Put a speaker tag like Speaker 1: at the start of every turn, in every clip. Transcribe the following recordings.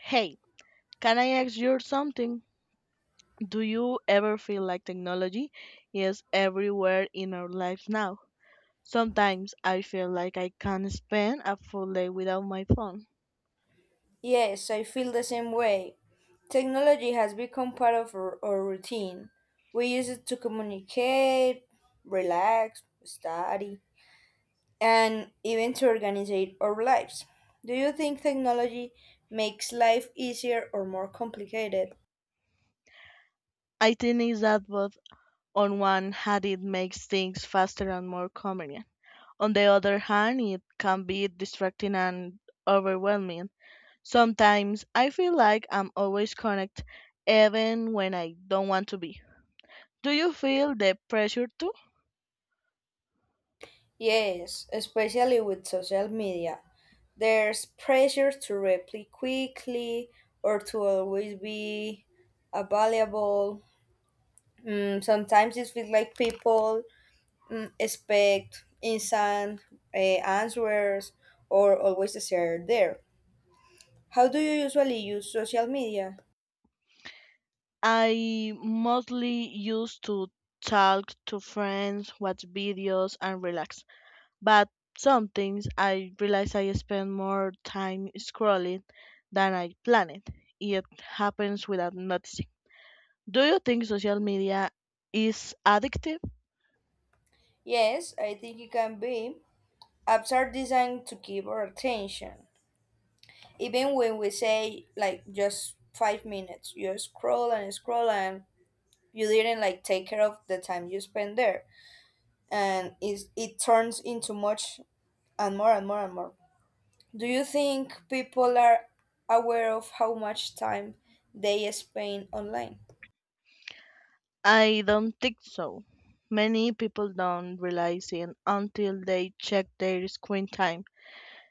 Speaker 1: Hey, can I ask you something? Do you ever feel like technology is everywhere in our lives now? Sometimes I feel like I can't spend a full day without my phone.
Speaker 2: Yes, I feel the same way. Technology has become part of our routine. We use it to communicate, relax, study, and even to organize our lives. Do you think technology makes life easier or more complicated?
Speaker 1: I think it's that both on one hand it makes things faster and more convenient. On the other hand, it can be distracting and overwhelming. Sometimes I feel like I'm always connected even when I don't want to be. Do you feel the pressure too?
Speaker 2: Yes, especially with social media. There's pressure to reply quickly or to always be available. Sometimes it feels like people expect instant answers or always share there. How do you usually use social media?
Speaker 1: I mostly used to talk to friends, watch videos, and relax. But some things I realize I spend more time scrolling than I planned. It happens without noticing. Do you think social media is addictive?
Speaker 2: Yes, I think it can be. Apps are designed to keep our attention. Even when we say like just 5 minutes, you scroll and scroll and you didn't like take care of the time you spend there. And it turns into much and more and more and more. Do you think people are aware of how much time they spend online?
Speaker 1: I don't think so. Many people don't realize it until they check their screen time.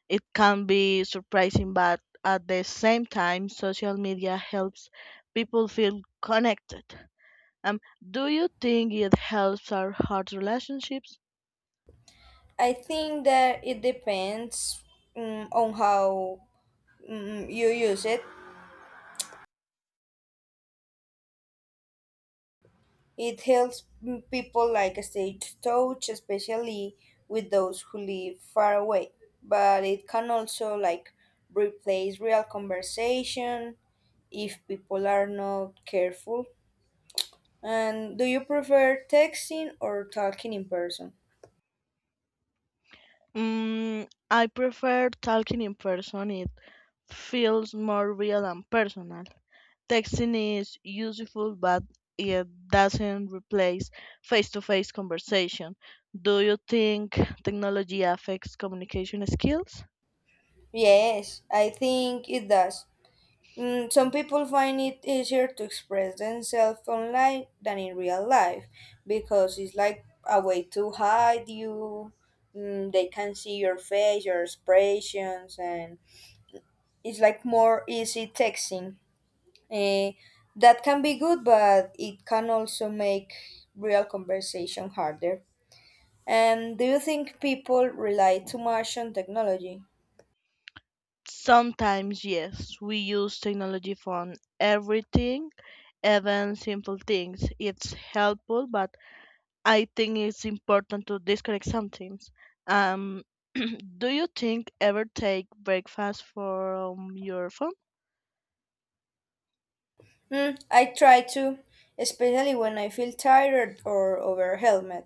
Speaker 1: It can be surprising, but at the same time, social media helps people feel connected. Um, do you think it helps our heart relationships?
Speaker 2: I think that it depends on how you use it. It helps people like stay touch, especially with those who live far away. But it can also like replace real conversation if people are not careful. And do you prefer texting or talking in person?
Speaker 1: I prefer talking in person. It feels more real and personal. Texting is useful, but it doesn't replace face-to-face conversation. Do you think technology affects communication skills?
Speaker 2: Yes, I think it does. Some people find it easier to express themselves online than in real life because it's like a way to hide you. They can see your face, your expressions, and it's like more easy texting. Eh, that can be good, but it can also make real conversation harder. And do you think people rely too much on technology?
Speaker 1: Sometimes, yes, we use technology for everything, even simple things. It's helpful, but I think it's important to disconnect sometimes. Um, do you think ever take breakfast from your phone?
Speaker 2: I try to, especially when I feel tired or overwhelmed.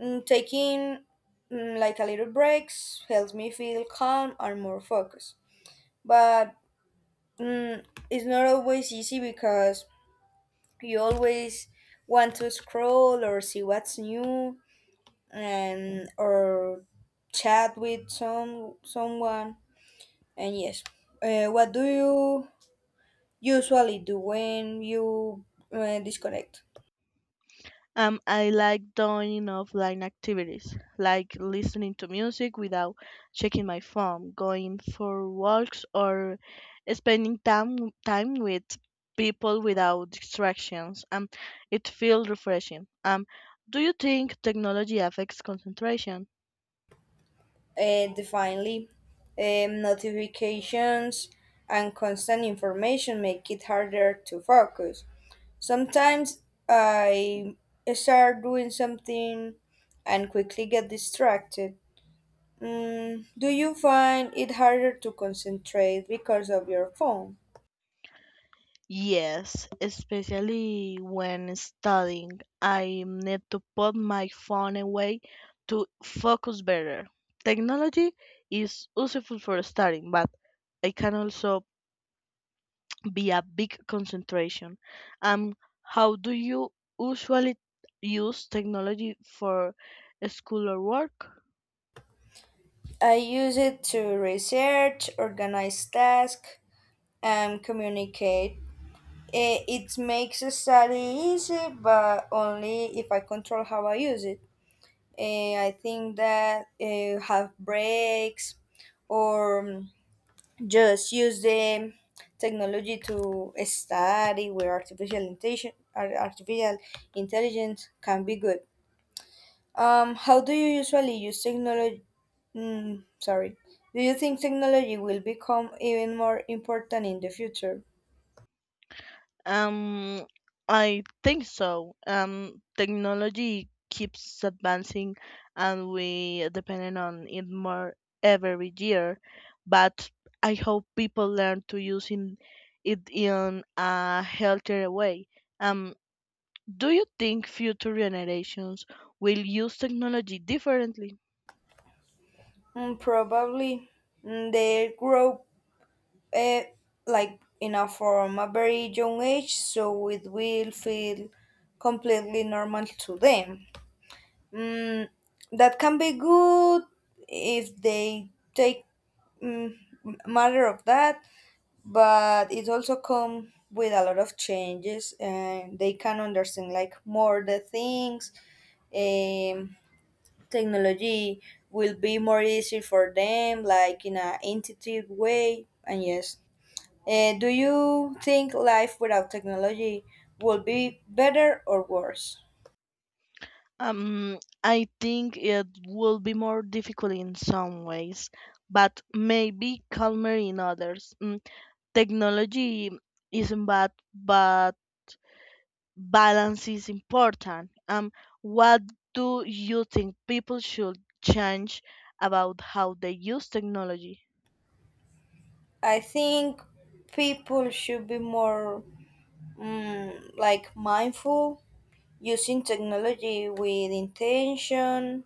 Speaker 2: Taking like a little breaks helps me feel calm and more focused. But it's not always easy because you always want to scroll or see what's new and or chat with someone. And yes, what do you usually do when you disconnect?
Speaker 1: I like doing offline activities, like listening to music without checking my phone, going for walks, or spending time with people without distractions. It feels refreshing. Do you think technology affects concentration?
Speaker 2: And finally, notifications and constant information make it harder to focus. Sometimes I start doing something and quickly get distracted. Do you find it harder to concentrate because of your phone?
Speaker 1: Yes, especially when studying, I need to put my phone away to focus better. Technology is useful for studying, but it can also be a big concentration. Um, how do you usually use technology for school or work?
Speaker 2: I use it to research, organize tasks, and communicate. It makes a study easy, but only if I control how I use it. I think that have breaks or just use the technology to study where artificial intelligence can be good. How do you usually use technology? Mm, sorry. Do you think technology will become even more important in the future?
Speaker 1: Um, I think so. Technology keeps advancing, and we depending on it more every year. But I hope people learn to using it in a healthier way. Um, do you think future generations will use technology differently?
Speaker 2: Probably. The growth eh, like enough from a very young age so it will feel completely normal to them. Mm, that can be good if they take mm, matter of that, but it also comes with a lot of changes and they can understand like more the things. Um, Technology will be more easy for them, like in a intuitive way, and yes. Do you think life without technology would be better or worse?
Speaker 1: I think it will be more difficult in some ways, but maybe calmer in others. Technology isn't bad, but balance is important. What do you think people should change about how they use technology?
Speaker 2: I think people should be more like mindful using technology with intention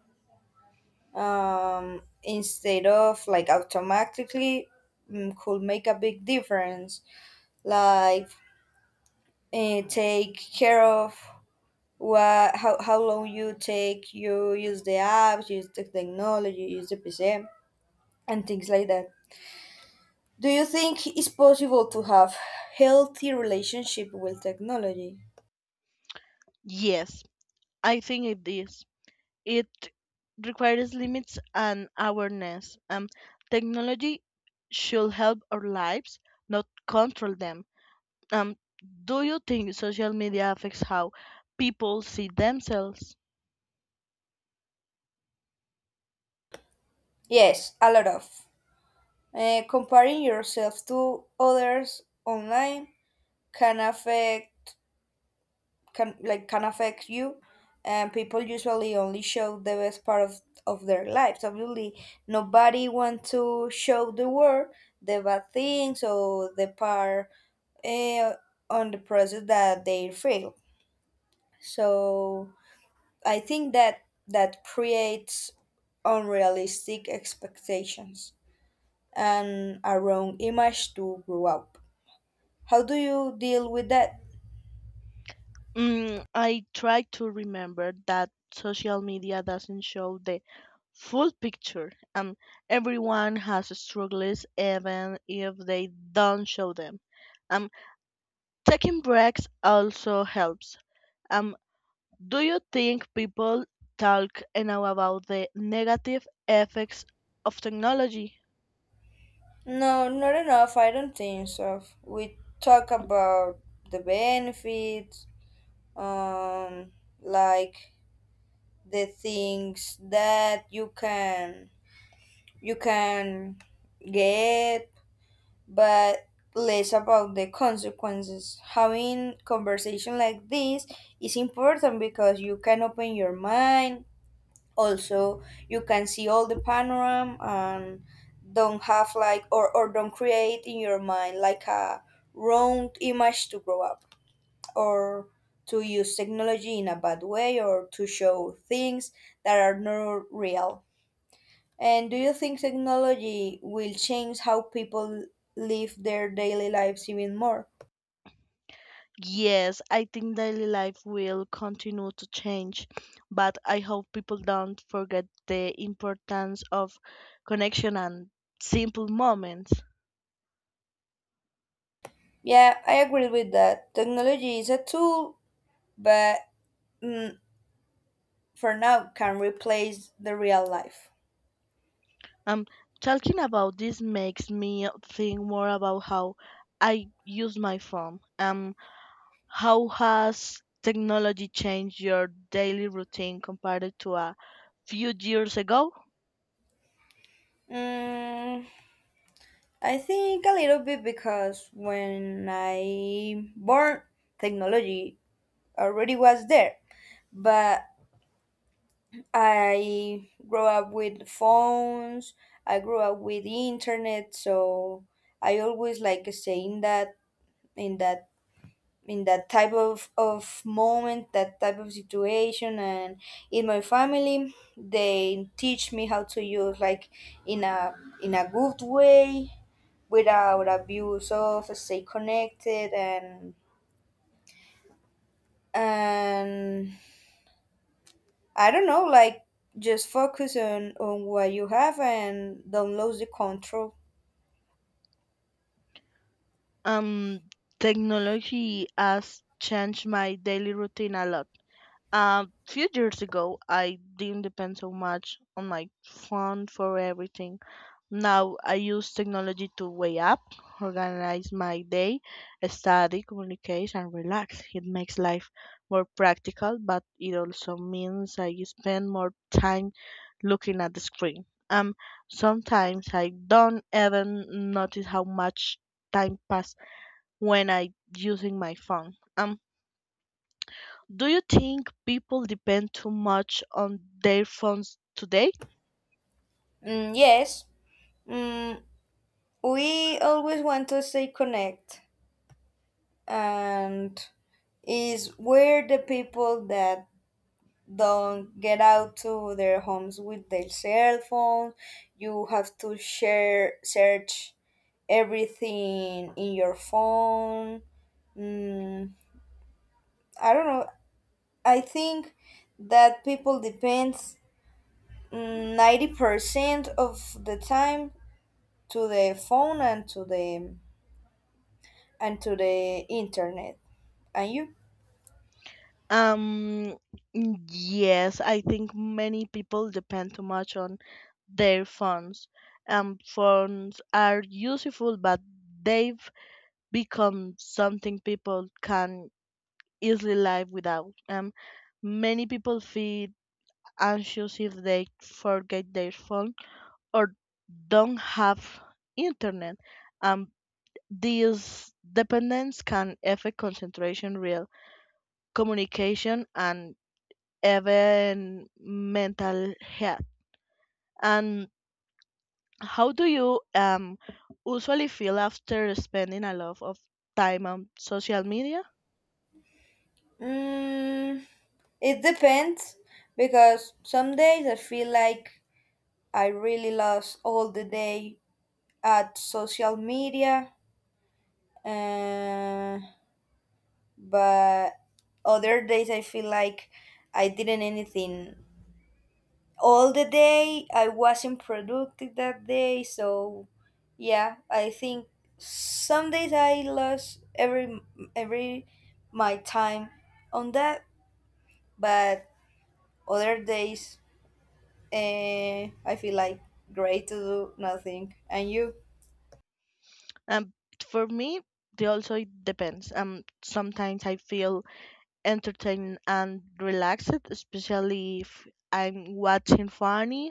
Speaker 2: instead of like automatically could make a big difference. Like take care of what how long you take you use the apps, use the technology, use the PC, and things like that. Do you think it's possible to have healthy relationship with technology?
Speaker 1: Yes, I think it is. It requires limits and awareness. Technology should help our lives, not control them. Um, do you think social media affects how people see themselves?
Speaker 2: Yes, a lot of. Comparing yourself to others online can affect can like can affect you, and people usually only show the best part of their lives. Obviously, nobody wants to show the world the bad things or the part uh, on the process that they fail. So I think that creates unrealistic expectations and a wrong image to grow up. How do you deal with that?
Speaker 1: I try to remember that social media doesn't show the full picture. Everyone has struggles, even if they don't show them. Um, Taking breaks also helps. Um, do you think people talk enough about the negative effects of technology?
Speaker 2: No, not enough. I don't think so. We talk about the benefits, um, like the things that you can get, but less about the consequences. Having conversation like this is important because you can open your mind. Also, you can see all the panorama and don't have like or don't create in your mind like a wrong image to grow up or to use technology in a bad way or to show things that are not real. And do you think technology will change how people live their daily lives even more?
Speaker 1: Yes, I think daily life will continue to change, but I hope people don't forget the importance of connection and simple moments.
Speaker 2: Yeah, I agree with that. Technology is a tool, but mm, for now can replace the real life.
Speaker 1: Um, Talking about this makes me think more about how I use my phone. How has technology changed your daily routine compared to a few years ago?
Speaker 2: Mm, I think a little bit because when I born, technology already was there, but I grew up with phones. I grew up with internet, so I always like stay in in that that type of moment, that type of situation and in my family they teach me how to use like in a good way without abuse of stay connected and I don't know, like just focus on what you have and don't lose the control.
Speaker 1: Um, Technology has changed my daily routine a lot. Few years ago, I didn't depend so much on my phone for everything. Now I use technology to weigh up, organize my day, study, communicate, and relax. It makes life more practical, but it also means I spend more time looking at the screen. Um, Sometimes I don't even notice how much time pass when I using my phone. Do you think people depend too much on their phones today?
Speaker 2: Mm, yes. Mm, we always want to stay connect and is where the people that don't get out to their homes with their cell phone. You have to share search everything in your phone. Mm, I don't know. I think that people depends 90% of the time to the phone and to the internet. And you?
Speaker 1: Um, yes, I think many people depend too much on their phones. Phones are useful, but they've become something people can easily live without. Many people feel anxious if they forget their phone or don't have internet. Um, These dependence can affect concentration, real communication, and even mental health. And how do you usually feel after spending a lot of time on social media?
Speaker 2: Mm, it depends because some days I feel like I really lost all the day at social media, uh, but other days I feel like I didn't anything all the day. I wasn't productive that day, so yeah, I think some days I lost every my time on that, but other days I feel like great to do nothing. And you?
Speaker 1: Um, for me, it also depends. Sometimes I feel entertaining and relaxed, especially if I'm watching funny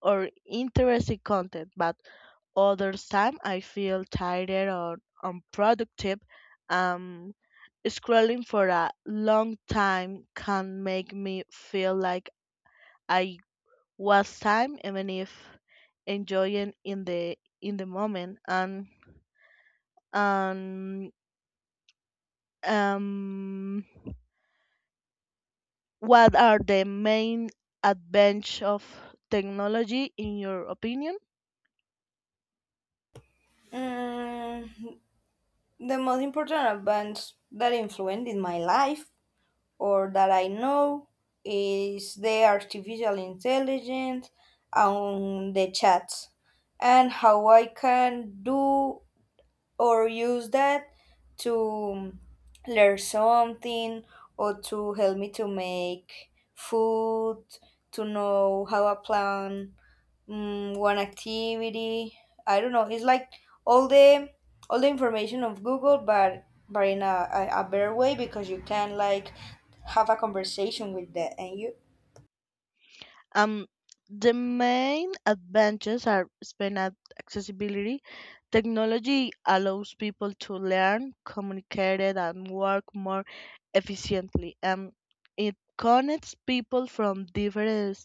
Speaker 1: or interesting content. But other time I feel tired or unproductive. Um, Scrolling for a long time can make me feel like I was time, even if enjoying in the moment. And um what are the main advantages of technology in your opinion?
Speaker 2: Mm, the most important events that influenced in my life or that I know is the artificial intelligence and the chats and how I can do or use that to learn something or to help me to make food, to know how I plan one activity. I don't know. It's like all the all the information of Google, but in a better way because you can like have a conversation with that and you.
Speaker 1: Um, the main advantages are speed and accessibility. Technology allows people to learn, communicate, and work more efficiently. It connects people from different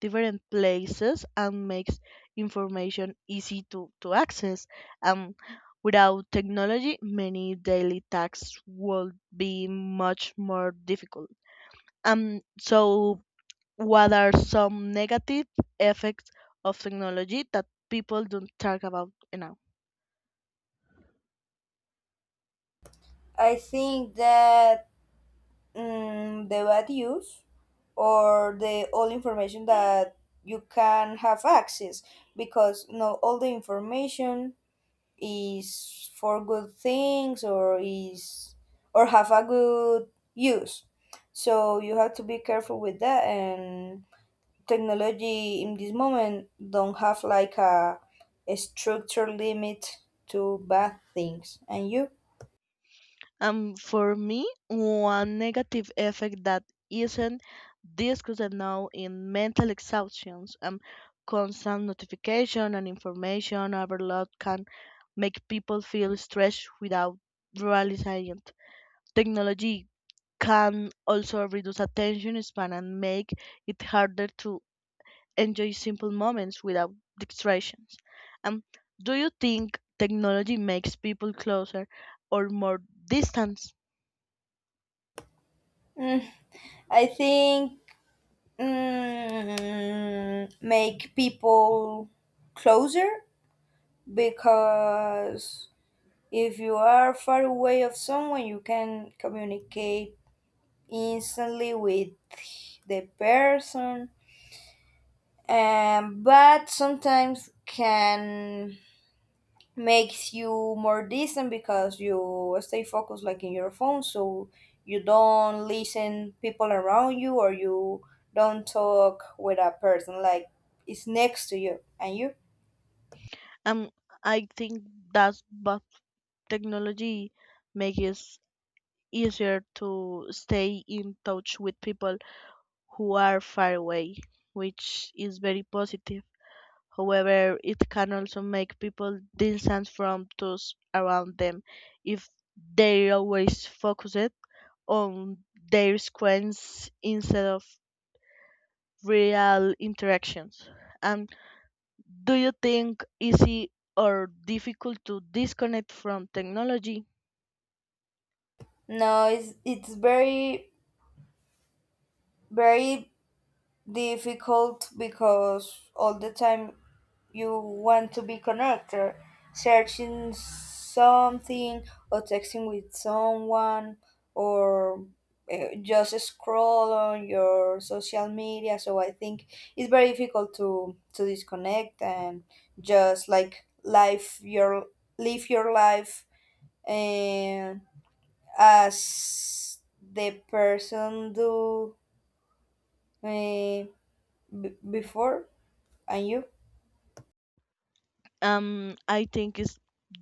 Speaker 1: different places and makes information easy to access. Um, Without technology, many daily tasks would be much more difficult. So what are some negative effects of technology that people don't talk about enough?
Speaker 2: I think that the bad use or the all information that you can have access because no all the information is for good things or is or have a good use so you have to be careful with that and technology in this moment don't have like a structure limit to bad things and you.
Speaker 1: For me, one negative effect that isn't discussed enough is mental exhaustions. Constant notification and information overload can make people feel stressed without realizing it. Technology can also reduce attention span and make it harder to enjoy simple moments without distractions. And do you think technology makes people closer or more distant?
Speaker 2: Mm, I think make people closer because if you are far away of someone you can communicate instantly with the person, but sometimes can makes you more distant because you stay focused like in your phone so you don't listen people around you or you don't talk with a person like it's next to you and you.
Speaker 1: Um, I think that's but technology makes it easier to stay in touch with people who are far away, which is very positive. However, it can also make people distant from those around them if they always focused on their screens instead of real interactions. And do you think easy or difficult to disconnect from technology?
Speaker 2: No, it's very, very difficult because all the time you want to be connected, searching something or texting with someone or just scroll on your social media. So I think it's very difficult to disconnect and just like life your live your life and as the person do uh, b- before and you?
Speaker 1: I think it's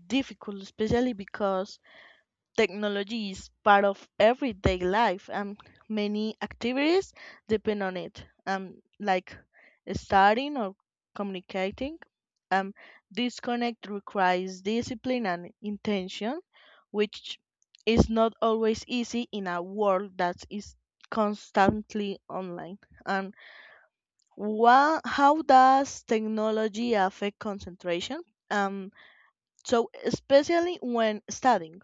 Speaker 1: difficult, especially because technology is part of everyday life, and many activities depend on it, like studying or communicating. Um, Disconnect requires discipline and intention, which is not always easy in a world that is constantly online. And how does technology affect concentration? Um, so especially when studying.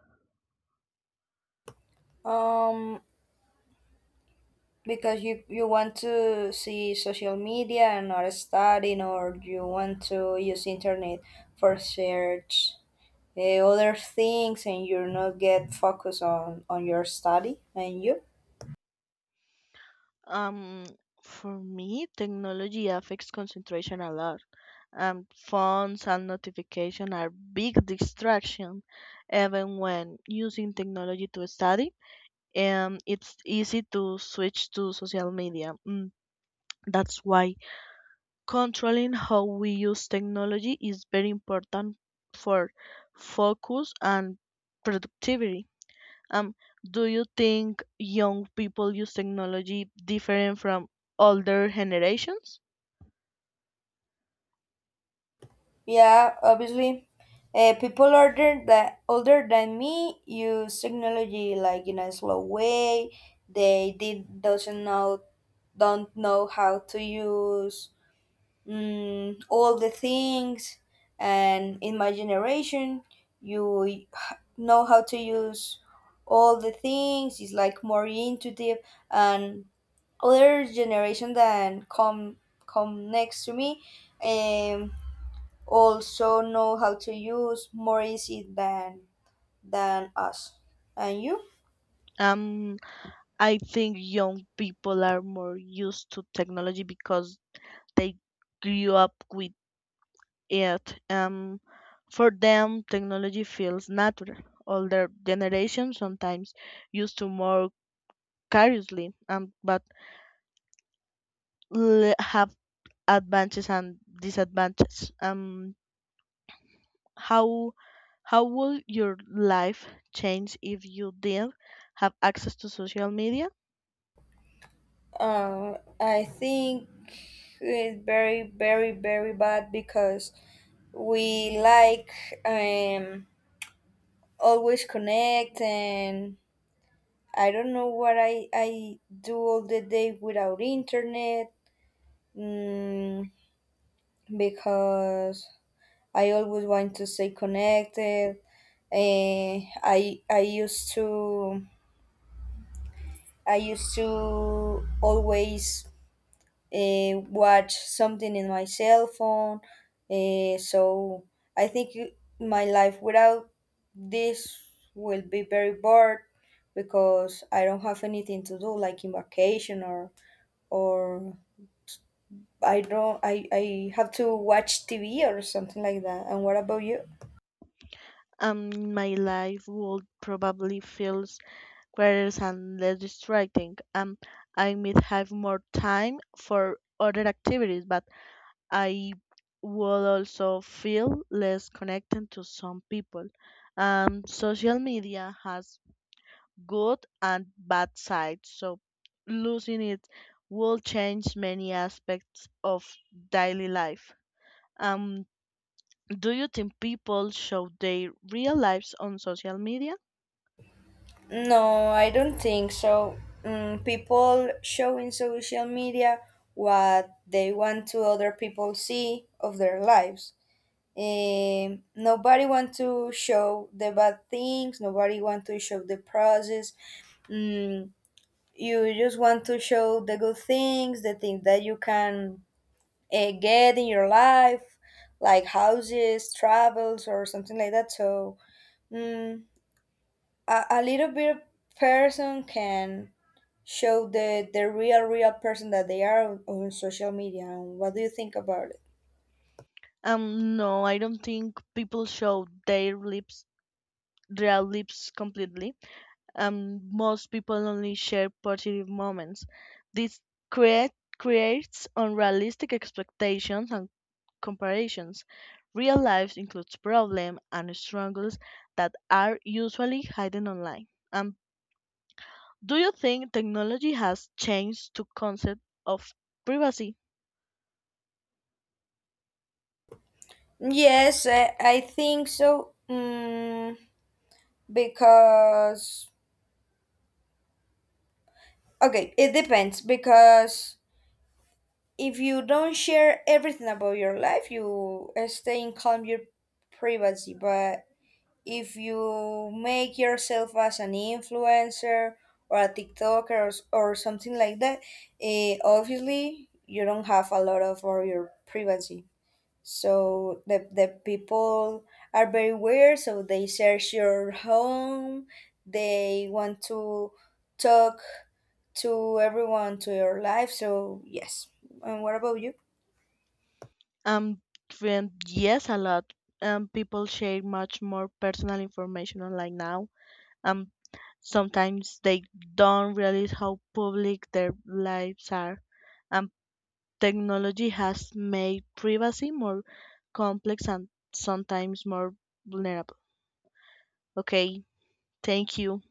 Speaker 2: Um, because you want to see social media and not studying, or you want to use internet for search other things, and you're not get focused on your study. And you?
Speaker 1: Um, for me, technology affects concentration a lot. Phones and notification are big distraction, even when using technology to study. It's easy to switch to social media. That's why controlling how we use technology is very important for focus and productivity. Um, do you think young people use technology different from older generations?
Speaker 2: Yeah, obviously. People older that older than me use technology like in a slow way. They did doesn't know don't know how to use all the things and in my generation you h- know how to use all the things it's like more intuitive and other generation that come next to me, um, also know how to use more easy than us and you.
Speaker 1: Um, I think young people are more used to technology because they grew up with Yet, for them, technology feels natural. Older generations sometimes used to more curiously, but have advantages and disadvantages. How how will your life change if you didn't have access to social media?
Speaker 2: Uh, I think it's very bad because we like um always connect and I don't know what I do all the day without internet. Mm, because I always want to stay connected. Uh, I I used to I used to always watch something in my cell phone. So I think my life without this will be very bored because I don't have anything to do, like in vacation or I don't I have to watch TV or something like that. And what about you?
Speaker 1: My life would probably feel quieter and less distracting. I might have more time for other activities, but I would also feel less connected to some people. Social media has good and bad sides, so losing it will change many aspects of daily life. Um, do you think people show their real lives on social media?
Speaker 2: No, I don't think so. People show in social media what they want to other people see of their lives. Nobody want to show the bad things. Nobody want to show the process. Mm, you just want to show the good things, the things that you can get in your life, like houses, travels, or something like that. So mm, a little bit of person can show the real person that they are on social media. And what do you think about it?
Speaker 1: No, I don't think people show their lips completely. Most people only share positive moments. This create creates unrealistic expectations and comparisons. Real life includes problems and struggles that are usually hidden online. Do you think technology has changed the concept of privacy?
Speaker 2: Yes, I think so. Because okay it depends because if you don't share everything about your life you stay in calm your privacy but if you make yourself as an influencer or a tiktoker s- or something like that, obviously you don't have a lot of all your privacy so the people are very weird so they search your home they want to talk to everyone to your life so yes and what about you
Speaker 1: Um, Friend, yes, a lot. People share much more personal information online now. Um, Sometimes they don't realize how public their lives are. Um, Technology has made privacy more complex and sometimes more vulnerable. Okay, thank you.